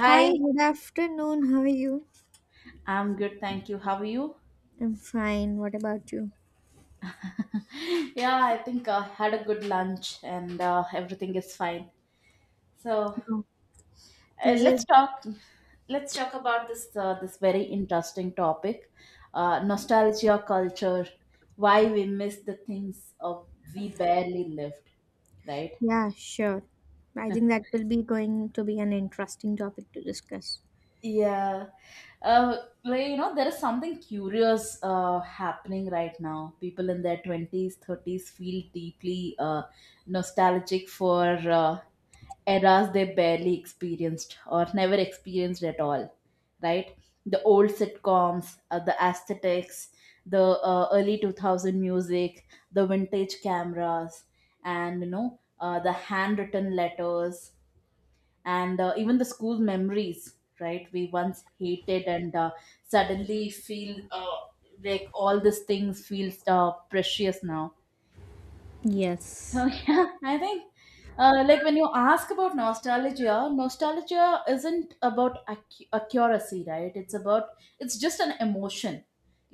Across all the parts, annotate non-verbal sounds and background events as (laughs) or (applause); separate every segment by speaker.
Speaker 1: Hi, good afternoon. How are you?
Speaker 2: I'm good, thank you. How are you?
Speaker 1: I'm fine. What about you?
Speaker 2: (laughs) Yeah, I think I had a good lunch and everything is fine. So
Speaker 1: No. Is it?
Speaker 2: let's talk. Let's talk about this very interesting topic, nostalgia culture, why we miss the things of we barely lived, right?
Speaker 1: Yeah, sure. I
Speaker 2: (laughs)
Speaker 1: think that will be going to be an interesting topic to discuss.
Speaker 2: Yeah. Uh, there is something curious happening right now. People in their 20s, 30s feel deeply nostalgic for eras they barely experienced or never experienced at all, right? The old sitcoms, the aesthetics, the early 2000 music, the vintage cameras, and, the handwritten letters and even the school memories, right, we once hated and suddenly feel like all these things feels precious now. So
Speaker 1: Yes.
Speaker 2: (laughs) yeah, I think like when you ask about nostalgia, nostalgia isn't about accuracy, right? It's about, it's just an emotion.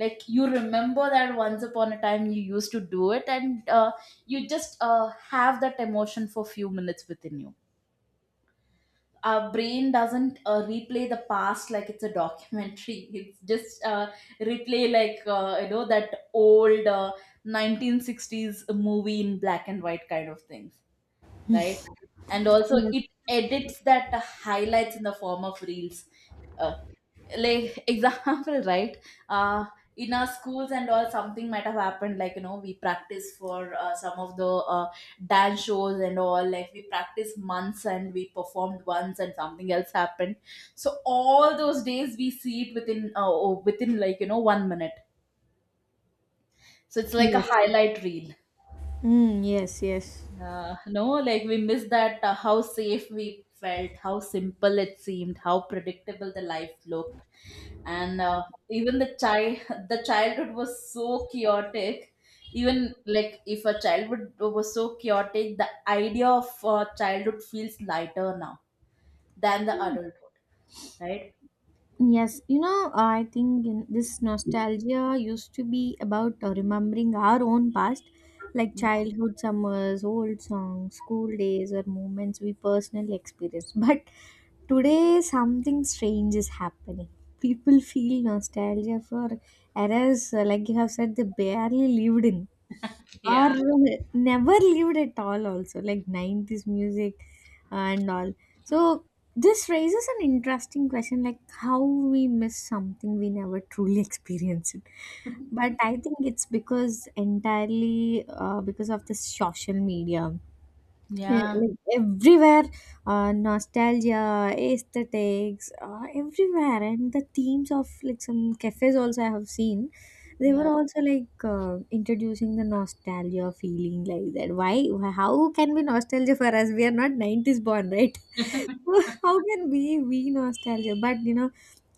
Speaker 2: Like you remember that once upon a time you used to do it, and you just have that emotion for few minutes within you. Our brain doesn't replay the past like it's a documentary. (laughs) It's just replay like that old 1960s movie in black and white kind of things, right? And also
Speaker 1: Yes.
Speaker 2: it edits that highlights in the form of reels. Uh, like, (laughs) example, right? uh in our schools and all, something might have happened, like you know, we practice for some of the dance shows and all, like we practice months and we performed once and something else happened. So all those days we see it within within like you know 1 minute. So it's like a
Speaker 1: Yes.
Speaker 2: highlight reel.
Speaker 1: Mm, yes, yes.
Speaker 2: No, like we miss that how safe we felt, how simple it seemed, how predictable the life looked. And even the child (laughs) the childhood was so chaotic. Even like if a childhood was so chaotic, the idea of childhood feels lighter now than the adulthood, right?
Speaker 1: Yes, I think this nostalgia used to be about remembering our own past, like childhood summers, old songs, school days, or moments we personally experienced. (laughs) But today, something strange is happening. People feel nostalgia for eras, like you have said, they barely lived in or
Speaker 2: Yeah.
Speaker 1: never lived at all, also like 90s music and all. So this raises an interesting question, like how we miss something we never truly (laughs) experienced. But I think it's because entirely because of the social media. Eh,
Speaker 2: Yeah,
Speaker 1: like everywhere nostalgia aesthetics everywhere, and the themes of like some cafes also I have seen, they were
Speaker 2: yeah.
Speaker 1: also like introducing the nostalgia feeling like that. Why? How can be nostalgia for us? We are not 90s born, right?
Speaker 2: (laughs)
Speaker 1: (laughs) How can we nostalgia, but you know,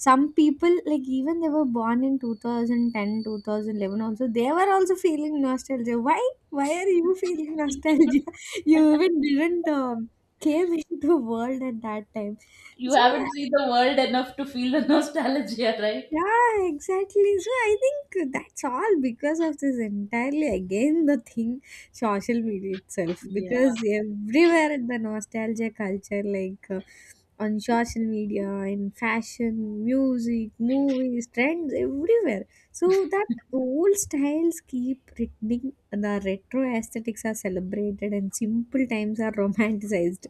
Speaker 1: some people like, even they were born in 2010, 2011. Also they were also feeling nostalgia. Why are you feeling nostalgia? (laughs) You even didn't came into the world at that time.
Speaker 2: You
Speaker 1: So
Speaker 2: haven't seen the world enough to feel the nostalgia, right?
Speaker 1: yeah, exactly. So I think that's all because of this, entirely again the thing, social media itself,
Speaker 2: Yeah,
Speaker 1: because everywhere the nostalgia culture, like on social media, in fashion, music, movies, trends, everywhere. So that old styles keep returning. The retro aesthetics are celebrated and simple times are romanticized.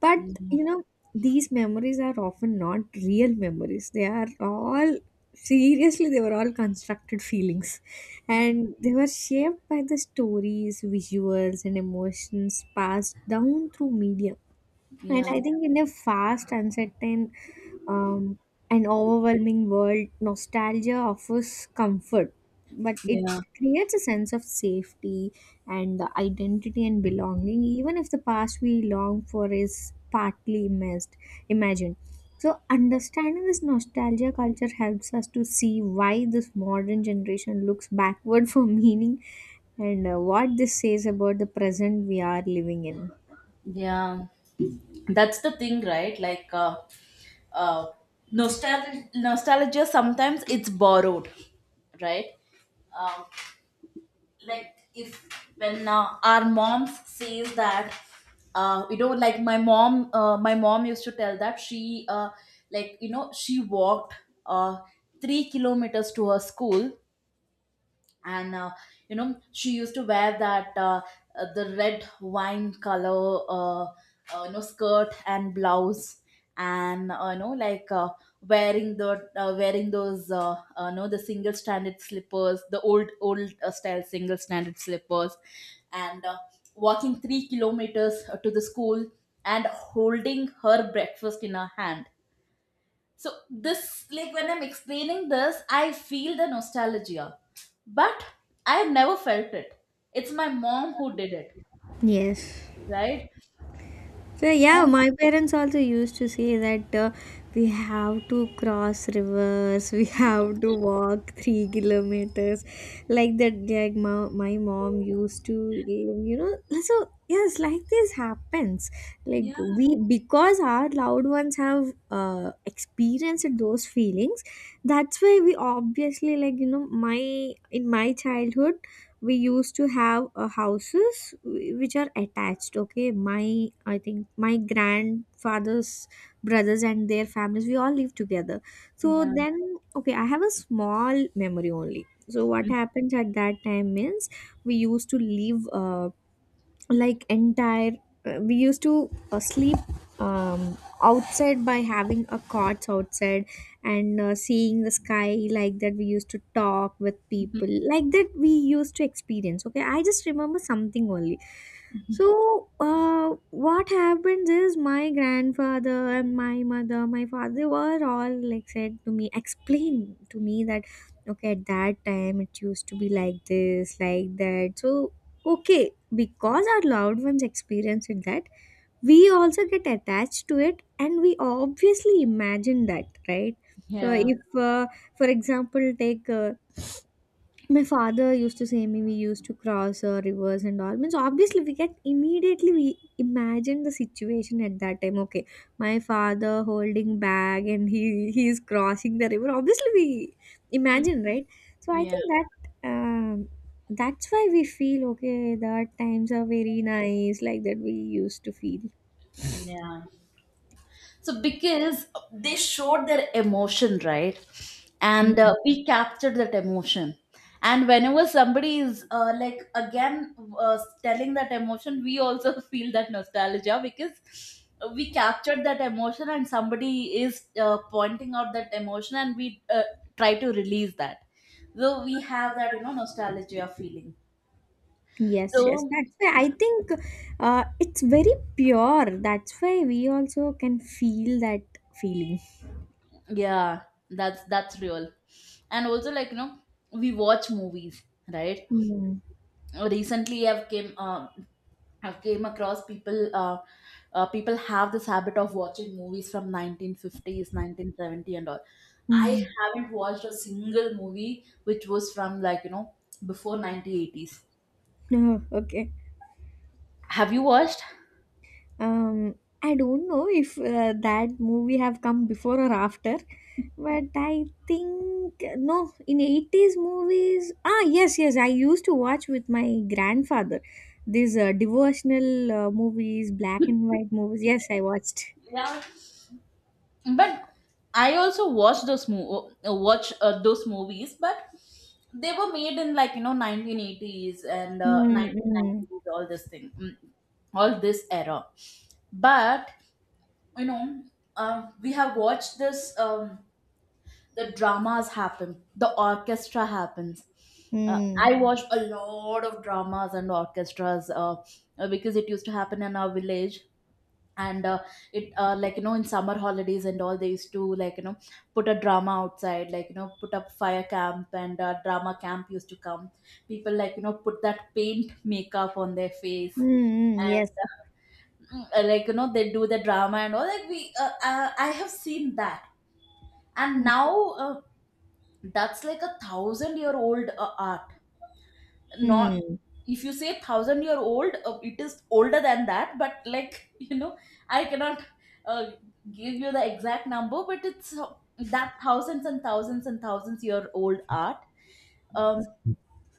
Speaker 1: But
Speaker 2: yeah,
Speaker 1: you know, these memories are often not real memories, they are all, seriously, they were all constructed feelings, and they were shaped by the stories, visuals and emotions passed down through media. And
Speaker 2: yeah,
Speaker 1: I think in a fast, uncertain, um, and overwhelming world, nostalgia offers comfort, but it
Speaker 2: yeah,
Speaker 1: creates a sense of safety and the identity and belonging, even if the past we long for is partly missed, imagined. So, understanding this nostalgia culture helps us to see why this modern generation looks backward (laughs) for meaning and what this says about the present we are living in.
Speaker 2: yeah. That's the thing, right? Uh, nostalgia sometimes it's borrowed, right? um, like if, when our moms says that, you know, like my mom used to tell that she like you know she walked uh, 3 kilometers to her school. And you know she used to wear that the red wine color you know, skirt and blouse. And you know, like wearing the wearing those you know, the single stranded slippers, the old style single stranded slippers. And walking 3 kilometers to the school and holding her breakfast in her hand. So this, like when I'm explaining this, I feel the nostalgia, but I have never felt it. It's my mom who did it,
Speaker 1: Yes.
Speaker 2: right?
Speaker 1: So yeah,
Speaker 2: And
Speaker 1: my parents also used to say that we have to cross rivers, we have to walk 3 kilometers, like that. Like my mom used to, you know. So yes, like this happens.
Speaker 2: yeah,
Speaker 1: Like we, because our loved ones have experienced those feelings. That's why we obviously like you know my in my childhood we used to have houses which are attached. Okay, my I think my grandfather's brothers and their families, we all live together. So
Speaker 2: yeah,
Speaker 1: then, okay, I have a small memory only. So what happens at that time is, we used to live, like entire, we used to sleep, um, outside, by having a cots outside, and seeing the sky, like that we used to talk with people,
Speaker 2: (laughs)
Speaker 1: like that we used to experience. Okay, I just remember something only. So what happens is, my grandfather and my mother, my father were all like said to me, explain to me that, okay, at that time it used to be like this, like that. So okay, because our loved ones experienced that, we also get attached to it and we obviously imagine that, right? So,
Speaker 2: yeah,
Speaker 1: if, for example, take my father used to say me, we used to cross rivers and all. Means obviously we get immediately, we imagine the situation at that time. Okay, my father holding bag and he is crossing the river. Obviously we imagine, right. So I
Speaker 2: yeah,
Speaker 1: think that, um, that's why we feel, okay, that times are very nice, like that we used to feel.
Speaker 2: yeah. So because they showed their emotion, right? And
Speaker 1: Mm.
Speaker 2: we captured that emotion. And whenever somebody is like again telling that emotion, we also (laughs) feel that nostalgia because we captured that emotion, and somebody is pointing out that emotion and we try to release that. So we have that, you know, nostalgia feeling.
Speaker 1: Yes, yes.
Speaker 2: So
Speaker 1: That's why I think it's very pure. That's why we also can feel that feeling.
Speaker 2: yeah, that's real. And also like, you know, we watch movies, right?
Speaker 1: Mm.
Speaker 2: Recently I've came across people people have this habit of watching movies from 1950s, 1970 and all. I
Speaker 1: Mm. (laughs)
Speaker 2: haven't watched a single movie which was from, like you know, before 1980s.
Speaker 1: No, okay.
Speaker 2: Have you watched?
Speaker 1: Um, I don't know if that movie have come before or after, but I think no. In 80s movies, ah yes, yes. I used to watch with my grandfather these devotional movies, black and white movies. Yes, I watched.
Speaker 2: Yeah, but I also watched those mo- watch those movies, but they were made in, like you know, 1980s and
Speaker 1: Mm, mm,
Speaker 2: 1990s, all this thing. Mm, all this era. But you know, we have watched this. The dramas happen. The orchestra happens.
Speaker 1: mm,
Speaker 2: I watched a lot of dramas and orchestras because it used to happen in our village. And it like you know, in summer holidays and all, they used to, like you know, put a drama outside, like you know, put up fire camp and drama camp used to come. People, like you know, put that paint makeup on their face.
Speaker 1: mm, mm, yes.
Speaker 2: Mm, like you know, they do the drama and all, like we I have seen that. And now that's like a thousand year old art. Not,
Speaker 1: Mm,
Speaker 2: if you say thousand year old, it is older than that, but like (laughs) you know, I cannot uh, give you the exact number, but it's that thousands and thousands and thousands year old art. um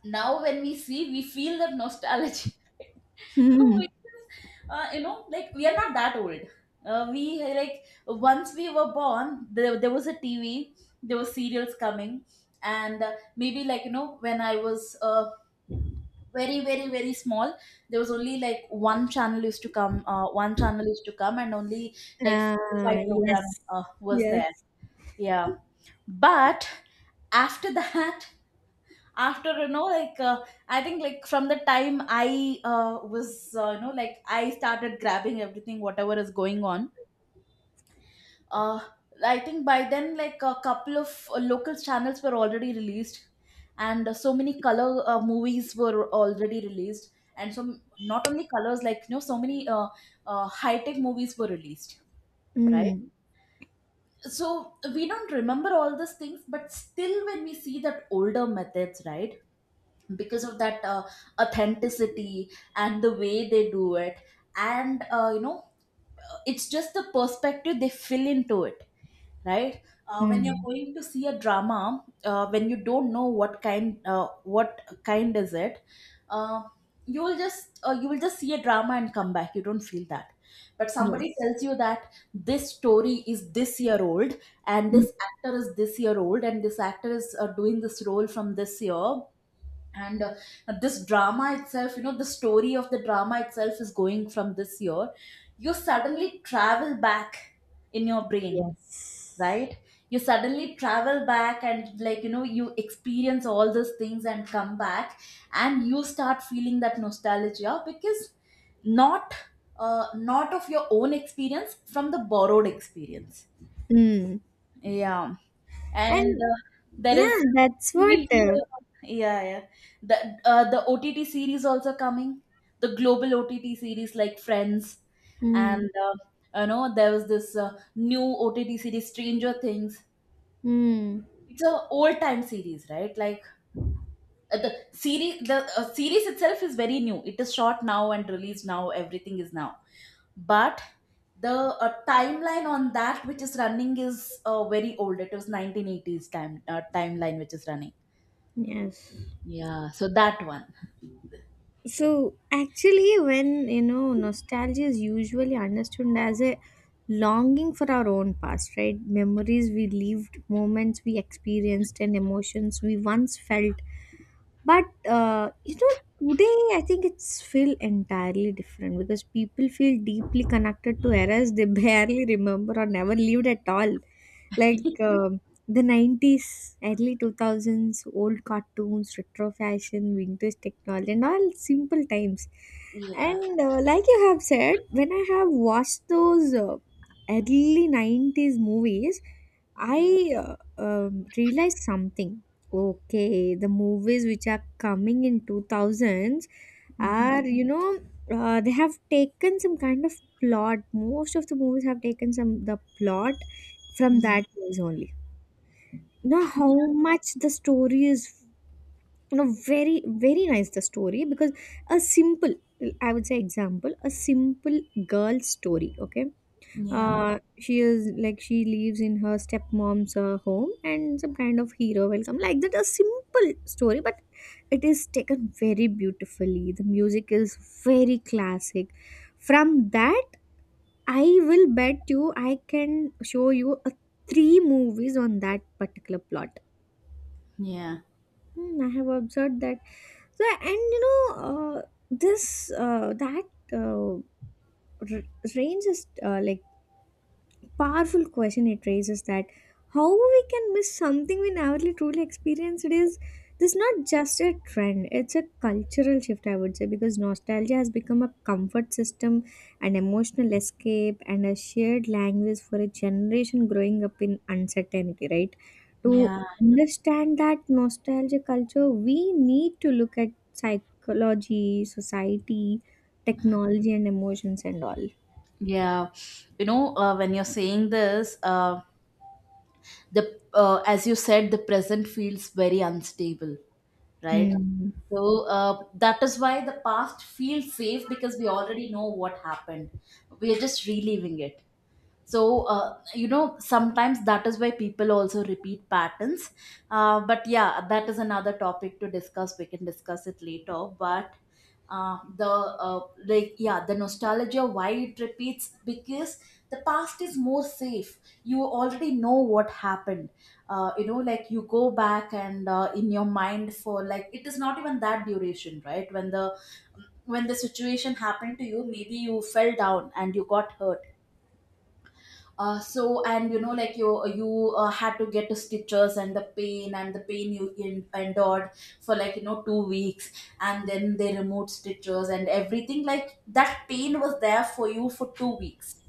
Speaker 2: Now when we see, we feel the nostalgia. (laughs)
Speaker 1: (laughs)
Speaker 2: (laughs)
Speaker 1: mm.
Speaker 2: Which is, you know, like we are not that old. We, like once we were born, there was a TV, there were serials coming, and maybe like you know, when I was very very very small, there was only like one channel used to come, and only like four or five
Speaker 1: Ah,
Speaker 2: program
Speaker 1: yes,
Speaker 2: was there.
Speaker 1: yes.
Speaker 2: Yeah, but after (laughs) that, after you know like I think like from the time I was you know, like I started grabbing everything whatever is going on, uh, I think by then like a couple of local channels were already released. And so many color movies were already released. And so not only colors, like you know, so many high tech movies were released, right?
Speaker 1: Mm,
Speaker 2: So we don't remember all these things, but still when we see that older methods, right, because of that authenticity and the way they do it, and you know, it's just the perspective they fill into it, right? When you're
Speaker 1: mm,
Speaker 2: going to see a drama, when you don't know what kind is it, uh, you will just, you will just see a drama and come back, you don't feel that. But somebody
Speaker 1: yes.
Speaker 2: tells you that this story is this year old, and
Speaker 1: Mm.
Speaker 2: this actor is this year old, and this actor is doing this role from this year, and this drama itself, you know, the story of the drama itself is going from this year, you suddenly travel back in your brain,
Speaker 1: Yes.
Speaker 2: right? You suddenly travel back and like you know, you experience all those things and come back, and you start feeling that nostalgia because not not of your own experience, from the borrowed experience.
Speaker 1: Mm.
Speaker 2: Yeah. And
Speaker 1: And
Speaker 2: there
Speaker 1: yeah,
Speaker 2: is
Speaker 1: that's
Speaker 2: TV
Speaker 1: what.
Speaker 2: serials. Yeah, yeah. The OTT series also coming. The global OTT series like Friends,
Speaker 1: Mm,
Speaker 2: and you know there was this new OTT series Stranger Things.
Speaker 1: mm,
Speaker 2: It's a old time series, right? Like the series itself is very new. It is shot now and released now. Everything is now, but the timeline on that which is running is very old. It was 1980s time timeline which is running.
Speaker 1: yes.
Speaker 2: Yeah, so that one.
Speaker 1: So actually, when nostalgia is usually understood as a longing for our own past, right? Memories we lived, moments we experienced, and emotions we once felt. But you know, today I think it's feel entirely different because people feel deeply connected to eras they (laughs) barely remember or never lived at all, like the 90s, early 2000s, old cartoons, retro fashion, vintage technology and all, simple times.
Speaker 2: Yeah.
Speaker 1: And like you have said, when I have watched those early 90s movies,
Speaker 2: Yeah.
Speaker 1: I realized something. Okay, the movies which are coming in 2000s
Speaker 2: Hmm.
Speaker 1: are, you know, they have taken some kind of plot. Most of the movies have taken some the plot from
Speaker 2: Hmm.
Speaker 1: that place only. You know
Speaker 2: Yeah.
Speaker 1: how much the story is, you know, very very nice, the story, because a simple, I would say example, a simple girl story. Okay,
Speaker 2: Yeah.
Speaker 1: she is like, she lives in her stepmom's home, and some kind of hero will come, like that, a simple story, but it is taken very beautifully. The music is very classic. From that, I will bet you I can show you a three movies on that particular plot.
Speaker 2: Yeah.
Speaker 1: Hmm, I have observed that. So, and this uh, r- range is like powerful question, it raises that how we can miss something we never really truly experienced. It is, this is not just a trend, it's a cultural shift, I would say, because nostalgia has become a comfort system, an emotional escape, and a shared language for a generation growing up in uncertainty, right? To
Speaker 2: Yeah.
Speaker 1: understand that nostalgia culture, we need to look at psychology, society, technology and emotions and all.
Speaker 2: Yeah, you know, when you're saying this, the as you said, the present feels very unstable, right?
Speaker 1: Hmm.
Speaker 2: So that is why the past feels safe because we already know what happened. We are just reliving it. So you know, sometimes that is why people also repeat patterns. But yeah, that is another topic to discuss, we can discuss it later. But the like yeah, the nostalgia, why it repeats, because the past is more safe, you already know what happened. You know, like you go back and in your mind for like, it is not even that duration, right? When the when the situation happened to you, maybe you fell down and you got hurt. So and you know like you had to get stitches, and the pain, and the pain you endured for like you know 2 weeks, and then they removed stitches and everything. Like that pain was there for you for 2 weeks.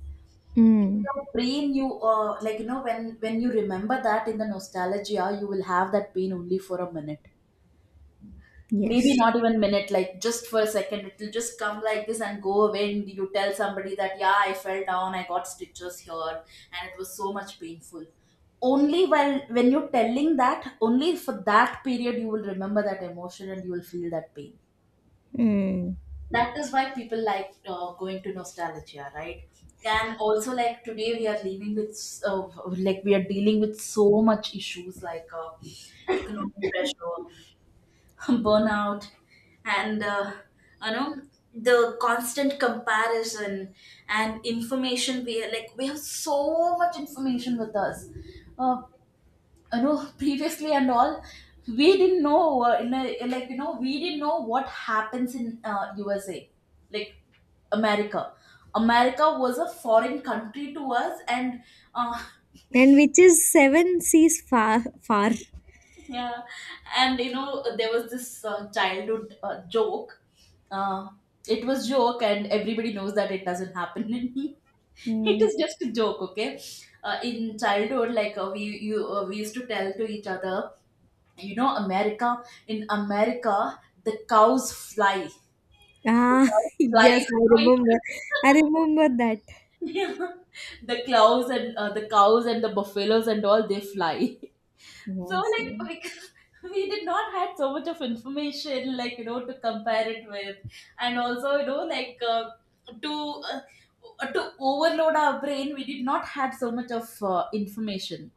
Speaker 1: Mm.
Speaker 2: Your brain, you like you know, when you remember that in the nostalgia, you will have that pain only for a minute. Maybe
Speaker 1: Yes.
Speaker 2: not even minute, like just for a second, it'll just come like this and go away, and you tell somebody that, yeah, I fell down, I got stitches here, and it was so much painful. Only while when you're telling that, only for that period you will remember that emotion and you will feel that pain.
Speaker 1: Mm.
Speaker 2: That is why people like going to nostalgia, right? And also like today we are leaving with like we are dealing with so much issues, like economic pressure, (laughs) burnout, and you know, the constant comparison and Information, we are like we have so much information with us. uh, you know, (laughs) previously and all, we didn't know in like you know, we didn't know what happens in USA, like America. America was a foreign country to us. And uh,
Speaker 1: And which is seven seas far, far.
Speaker 2: yeah, and you know, there was this childhood joke. Uh, it was joke, and everybody knows that it doesn't happen. (laughs) It
Speaker 1: Mm.
Speaker 2: is just a joke, okay? In childhood, we used to tell to each other, you know, America. In America, the cows fly. The
Speaker 1: Ah, (laughs)
Speaker 2: cows fly.
Speaker 1: yes, I
Speaker 2: You
Speaker 1: remember. I
Speaker 2: know,
Speaker 1: remember that.
Speaker 2: (laughs) yeah. The cows and the buffaloes and all they fly. (laughs) So
Speaker 1: Yes, yeah.
Speaker 2: like like (laughs) we did not had so much of information, like you know, to compare it with. And also you know, to to overload our brain, we did not had so much of information.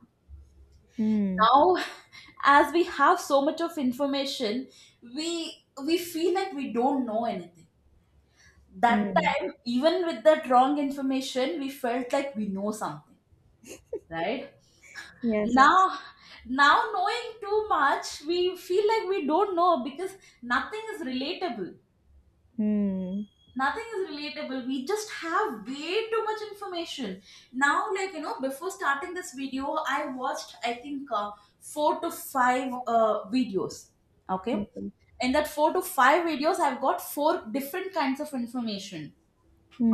Speaker 1: Mm.
Speaker 2: Now, (laughs) as we have so much of information, we feel like we don't know anything. That
Speaker 1: Mm.
Speaker 2: time, even with that wrong information, we felt like we know something, right?
Speaker 1: Yes.
Speaker 2: Now, now knowing too much we feel like we don't know because nothing is relatable.
Speaker 1: Mm.
Speaker 2: Nothing is relatable, we just have way too much information. Now, like you know, before starting this video, I watched, I think four to five videos. Okay,
Speaker 1: Okay.
Speaker 2: in that four to five videos, I've got four different kinds of information,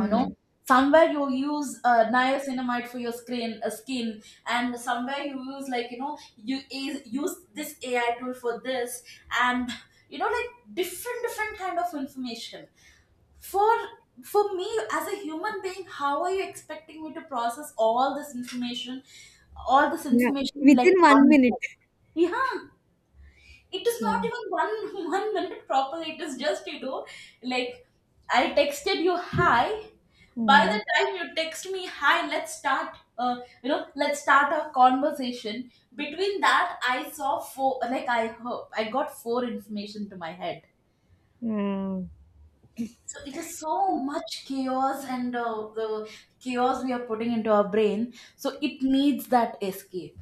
Speaker 2: you know. Somewhere you use niacinamide for your screen skin, and somewhere you use, like you know, use this AI tool for this. And you know, like different kind of information. for for me as a human being, how are you expecting me to process all this information, all this
Speaker 1: Yeah.
Speaker 2: information, in like
Speaker 1: Within one
Speaker 2: one
Speaker 1: minute.
Speaker 2: go? Yeah, it is not
Speaker 1: Yeah.
Speaker 2: even one (laughs) 1 minute proper, it is just, you know, like I texted you hi. By the
Speaker 1: Mm.
Speaker 2: time you text me hi, let's start, let's start our conversation, between that I saw four, like I heard, I got four information to my head.
Speaker 1: Yeah.
Speaker 2: So it is so much chaos. And the chaos we are putting into our brain, so it needs that escape,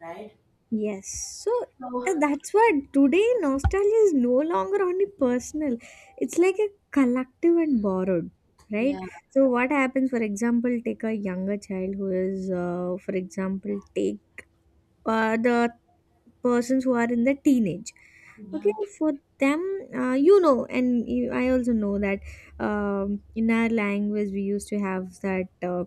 Speaker 2: right?
Speaker 1: Yes, so
Speaker 2: So,
Speaker 1: that's why today nostalgia is no longer only personal, it's like a collective and borrowed,
Speaker 2: yeah.
Speaker 1: right? So, what happens, for example, take a younger child who is, for example, take the persons who are in the teenage. Okay,
Speaker 2: Yeah.
Speaker 1: for them, you know, and you, I also know that in our language we used to have that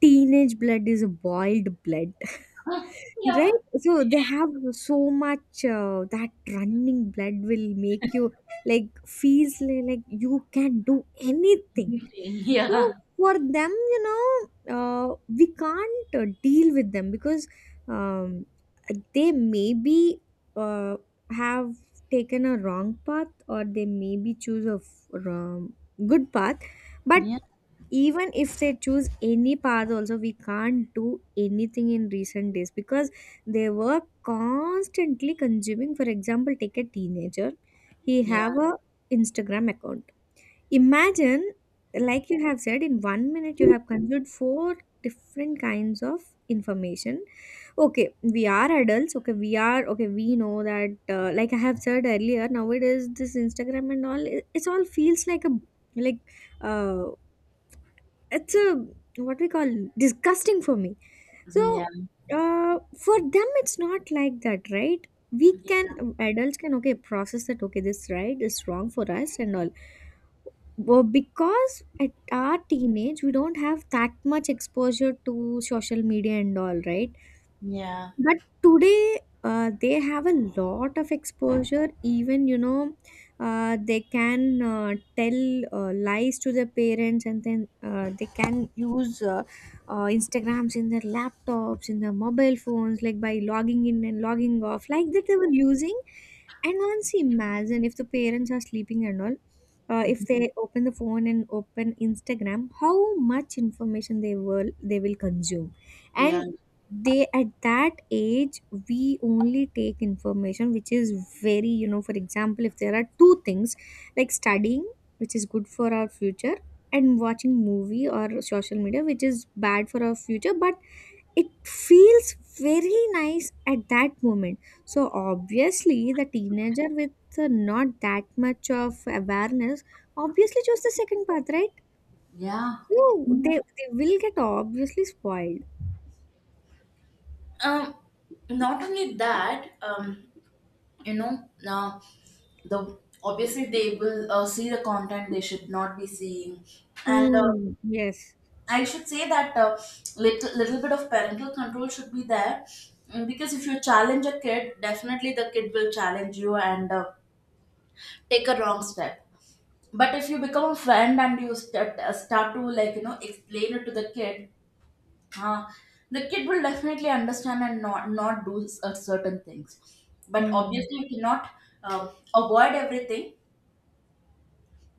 Speaker 1: teenage blood is boiled blood. (laughs)
Speaker 2: (laughs) Yeah.
Speaker 1: Right, so they have so much that running blood will make you like feels like you can do anything.
Speaker 2: Usually, (laughs)
Speaker 1: So
Speaker 2: yeah.
Speaker 1: for them, you know, we can't deal with them because um, they maybe uh, have taken a wrong path, or they maybe choose a wrong, good path, but
Speaker 2: Yeah,
Speaker 1: even if they choose any path also, we can't do anything in recent days, because they were constantly consuming. For example, take a teenager, he have
Speaker 2: yeah,
Speaker 1: a Instagram account. Imagine, like you have said, in 1 minute you have consumed four different kinds of information. Okay, we are adults, okay, we are, okay, we know that, like I have said earlier, nowadays this Instagram and all, it's all feels like a like uh it's a what we call disgusting for me.
Speaker 2: yeah.
Speaker 1: So uh, for them it's not like that, right? We
Speaker 2: Yeah.
Speaker 1: can, adults can, okay, process that, okay, this right is wrong for us and all, but because at our teenage we don't have that much exposure to social media and all, right?
Speaker 2: Yeah.
Speaker 1: But today, they have a lot of exposure. Even, you know, they can tell lies to their parents, and then they can use Instagrams in their laptops, in their mobile phones, like by logging in and logging off, like that they were using. And once imagine if the parents are sleeping and all, if they open the phone and open Instagram, how much information they will consume,
Speaker 2: Yeah. Yeah.
Speaker 1: and they at that age, we only take information which is very, you know, for example, if there are two things like studying, which is good for our future, and watching movie or social media, which is bad for our future, but it feels very nice at that moment. So obviously the teenager with not that much of awareness obviously chose the second path, right?
Speaker 2: Yeah.
Speaker 1: So they will get obviously spoiled.
Speaker 2: Um, Not only that, you know, now the obviously they will see the content they should not be seeing. And
Speaker 1: Hmm, yes.
Speaker 2: I should say that little bit of parental control should be there. Mm, because if you challenge a kid, definitely the kid will challenge you and take a wrong step. But if you become a friend and you start, start to, like you know, explain it to the kid, uh, the kid will definitely understand and not do certain things. But
Speaker 1: Hmm,
Speaker 2: obviously you cannot uh, avoid everything.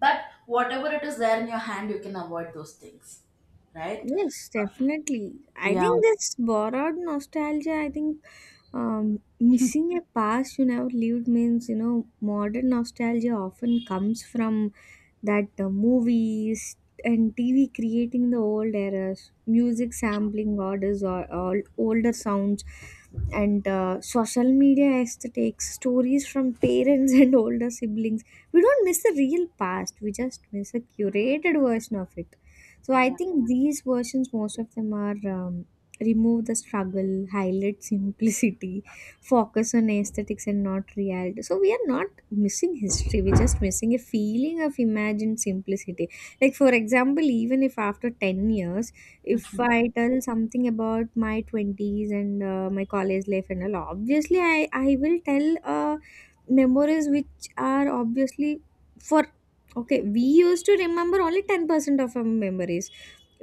Speaker 2: But whatever it is there in your hand, you can avoid those things, right?
Speaker 1: yes, definitely I
Speaker 2: Yeah.
Speaker 1: think this borrowed nostalgia I think, missing a past you never lived means, you know, modern nostalgia often comes from that, movies and TV creating the old eras, music sampling orders, or older sounds, and social media has takes stories from parents (laughs) and older siblings. We don't miss the real past, we just miss a curated version of it. So I think these versions, most of them, are, remove the struggle, highlight simplicity, focus on aesthetics and not reality. So we are not missing history, we're just missing a feeling of imagined simplicity. Like for example, even if after 10 years, if I tell something about my 20s and my college life and all, obviously I will tell memories which are obviously, for, okay, we used to remember only 10% of our memories.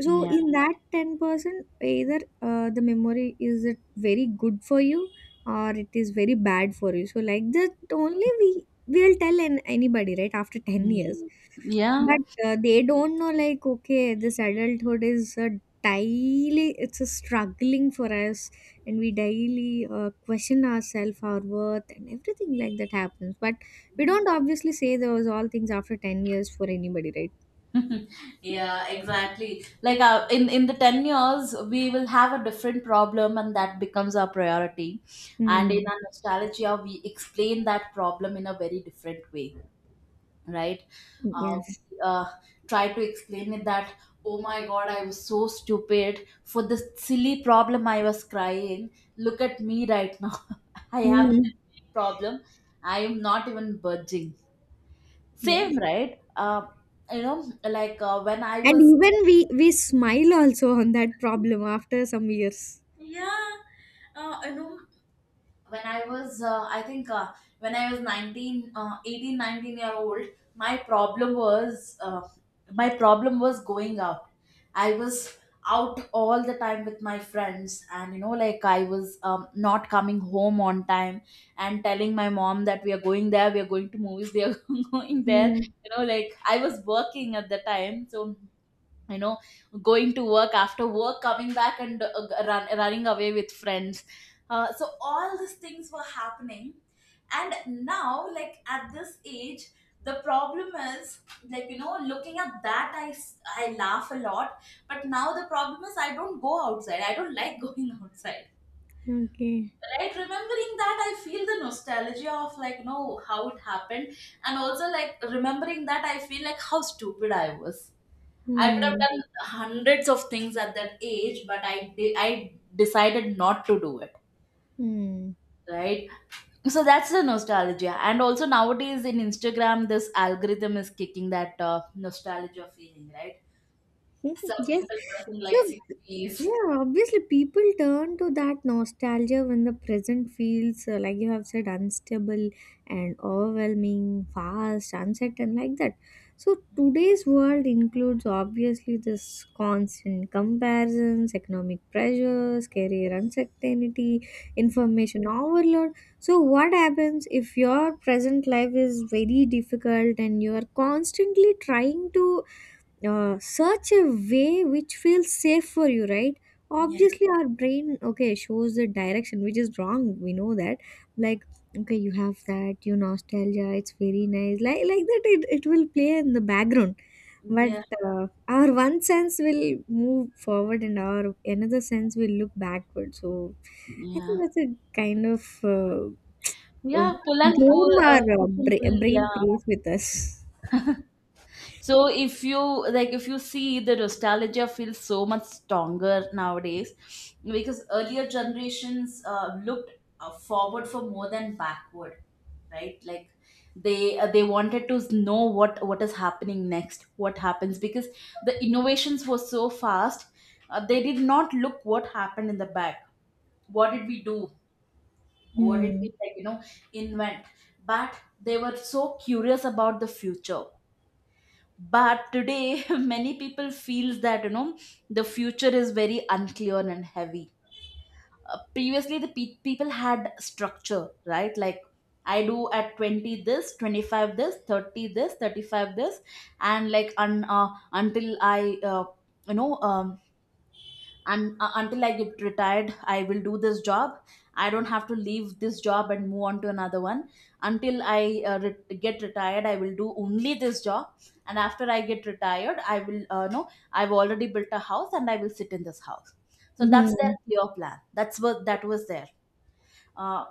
Speaker 1: So
Speaker 2: Yeah.
Speaker 1: in that 10%, either the memory is, it very good for you, or it is very bad for you, so like that only we will tell an, anybody right after 10
Speaker 2: Yeah,
Speaker 1: years.
Speaker 2: yeah.
Speaker 1: But they don't know, like, okay, this adulthood is a daily, it's a struggling for us, and we daily question ourselves, our worth, and everything like that happens. But we don't obviously say those all things after 10 years for anybody, right?
Speaker 2: Yeah, exactly. Like in the 10 years, we will have a different problem, and that becomes our priority. And in
Speaker 1: Mm,
Speaker 2: our nostalgia, we explain that problem in a very different way, right? We
Speaker 1: yes.
Speaker 2: uh, try to explain it that, oh my god, I was so stupid. For this silly problem I was crying, look at me right now. (laughs) I have
Speaker 1: Mm,
Speaker 2: this problem, I am not even budging. Same,
Speaker 1: yes.
Speaker 2: right? uh, you know when I
Speaker 1: And
Speaker 2: was,
Speaker 1: even we smile also on that problem after some years.
Speaker 2: yeah, you know, when I was, I think when I was 19, 18, 19 year old, my my problem was going out. I was out all the time with my friends. And you know, like I was not coming home on time, and telling my mom that we are going there, we are going to movies, we are (laughs) going there.
Speaker 1: Mm,
Speaker 2: You know, like I was working at the time. So, you know, going to work, after work coming back, and running away with friends. So all these things were happening. And now, like at this age, the problem is, like you know, looking at that I laugh a lot. But now the problem is I don't go outside, I don't like (laughs) going outside,
Speaker 1: okay.
Speaker 2: right? Remembering that, I feel the nostalgia of, like you know, how it happened. And also, like remembering that, I feel like how stupid I was. I could have
Speaker 1: Mm,
Speaker 2: done hundreds of things at that age, but I decided not to do it,
Speaker 1: mm.
Speaker 2: right? So that's the nostalgia. And also nowadays in Instagram, this algorithm is kicking that nostalgia feeling, right?
Speaker 1: (laughs)
Speaker 2: Some
Speaker 1: Yes.
Speaker 2: people dressing like
Speaker 1: So,
Speaker 2: 60s.
Speaker 1: yeah, obviously people turn to that nostalgia when the present feels, like you have said, unstable and overwhelming, fast, uncertain, like that. So, today's world includes obviously this constant comparisons, economic pressures, career uncertainty, information overload. So, what happens if your present life is very difficult and you are constantly trying to search a way which feels safe for you, right?
Speaker 2: Yeah,
Speaker 1: Obviously our brain, okay, shows the direction which is wrong, we know that, like, okay, you have that you nostalgia, it's very nice, like that, it will play in the background. But
Speaker 2: yeah,
Speaker 1: our one sense will move forward, and our another sense will look backward, so I
Speaker 2: yeah.
Speaker 1: think that's a kind of uh,
Speaker 2: Yeah,
Speaker 1: game our
Speaker 2: push and pull,
Speaker 1: brain
Speaker 2: yeah.
Speaker 1: plays with us.
Speaker 2: So if you, like, if you see, the nostalgia feels so much stronger nowadays, because earlier generations looked forward for more than backward, right? Like they wanted to know what is happening next, what happens, because the innovations were so fast. They did not look what happened in the back. What did we do? What did we
Speaker 1: Hmm.
Speaker 2: like, you know, invent? But they were so curious about the future. But today (laughs) many people feels that, you know, the future is very unclear and heavy. Previously the people had structure, right? Like I do at 20 this, 25 this, 30 this, 35 this. And like until I you know and until I get retired, I will do this job. I don't have to leave this job and move on to another one. Until I get retired, I will do only this job. And after I get retired, I will no I've already built a house and I will sit in this house. So that's their
Speaker 1: Hmm,
Speaker 2: clear plan, that's what that was there. uh,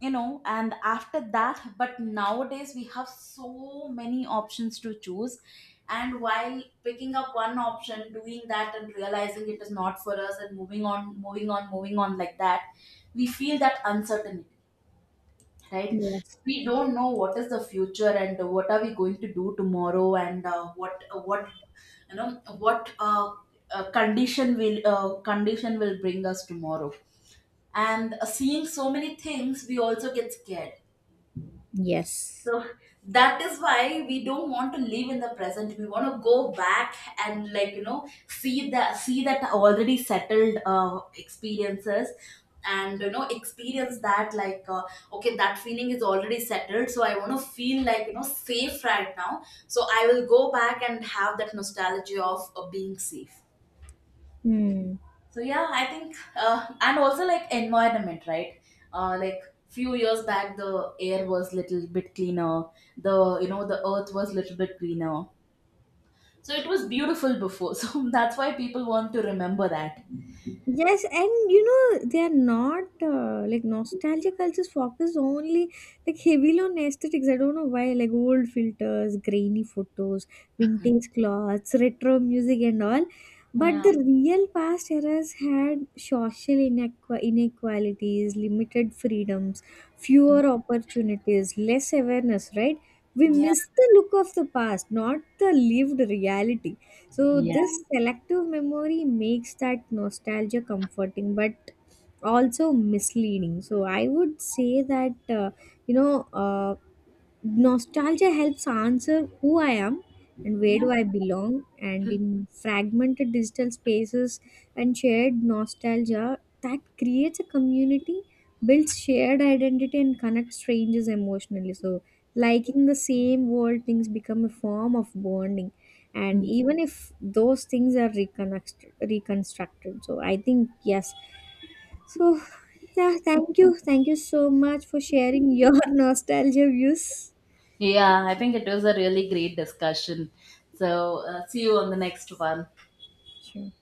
Speaker 2: and after that, but nowadays we have so many options to choose. And while picking up one option, doing that and realizing it is not for us, and moving on, moving on, moving on, like that, we feel that uncertainty, right?
Speaker 1: yes.
Speaker 2: We don't know what is the future, and what are we going to do tomorrow, and what you know what condition will, condition will bring us tomorrow. And seeing so many things, we also get scared.
Speaker 1: Yes.
Speaker 2: So that is why we don't want to live in the present, we want to go back and, like you know, see that already settled experiences. And you know, experience that, like okay, that feeling is already settled, so I want to feel, like you know, safe right now. So I will go back and have that nostalgia of being safe.
Speaker 1: Hmm.
Speaker 2: So yeah, I think, and also like environment, right? Like few years back, the air was little bit cleaner. The, you know, the earth was little bit greener. So it was beautiful before. (laughs) So that's why people want to remember that.
Speaker 1: Yes, and you know they are not like, nostalgia cultures focus only like heavily on aesthetics. I don't know why, like old filters, grainy photos, vintage clothes, retro music, and all. But
Speaker 2: Yeah.
Speaker 1: the real past eras had social inequalities, limited freedoms, fewer opportunities, less awareness, right? We
Speaker 2: Yeah.
Speaker 1: miss the look of the past, not the lived reality. So
Speaker 2: Yeah.
Speaker 1: this selective memory makes that nostalgia comforting, but also misleading. So I would say that, you know. Nostalgia helps answer who I am and where
Speaker 2: Yeah.
Speaker 1: do I belong. And in fragmented digital spaces and shared nostalgia, that creates a community, builds shared identity, and connects strangers emotionally. So, liking the same world things become a form of bonding. And even if those things are reconstructed, reconstructed. So, I think yes. So, yeah, thank you. Thank you so much for sharing your (laughs) nostalgia views.
Speaker 2: Yeah. I think it was a really great discussion. So see you on the next one.
Speaker 1: Sure.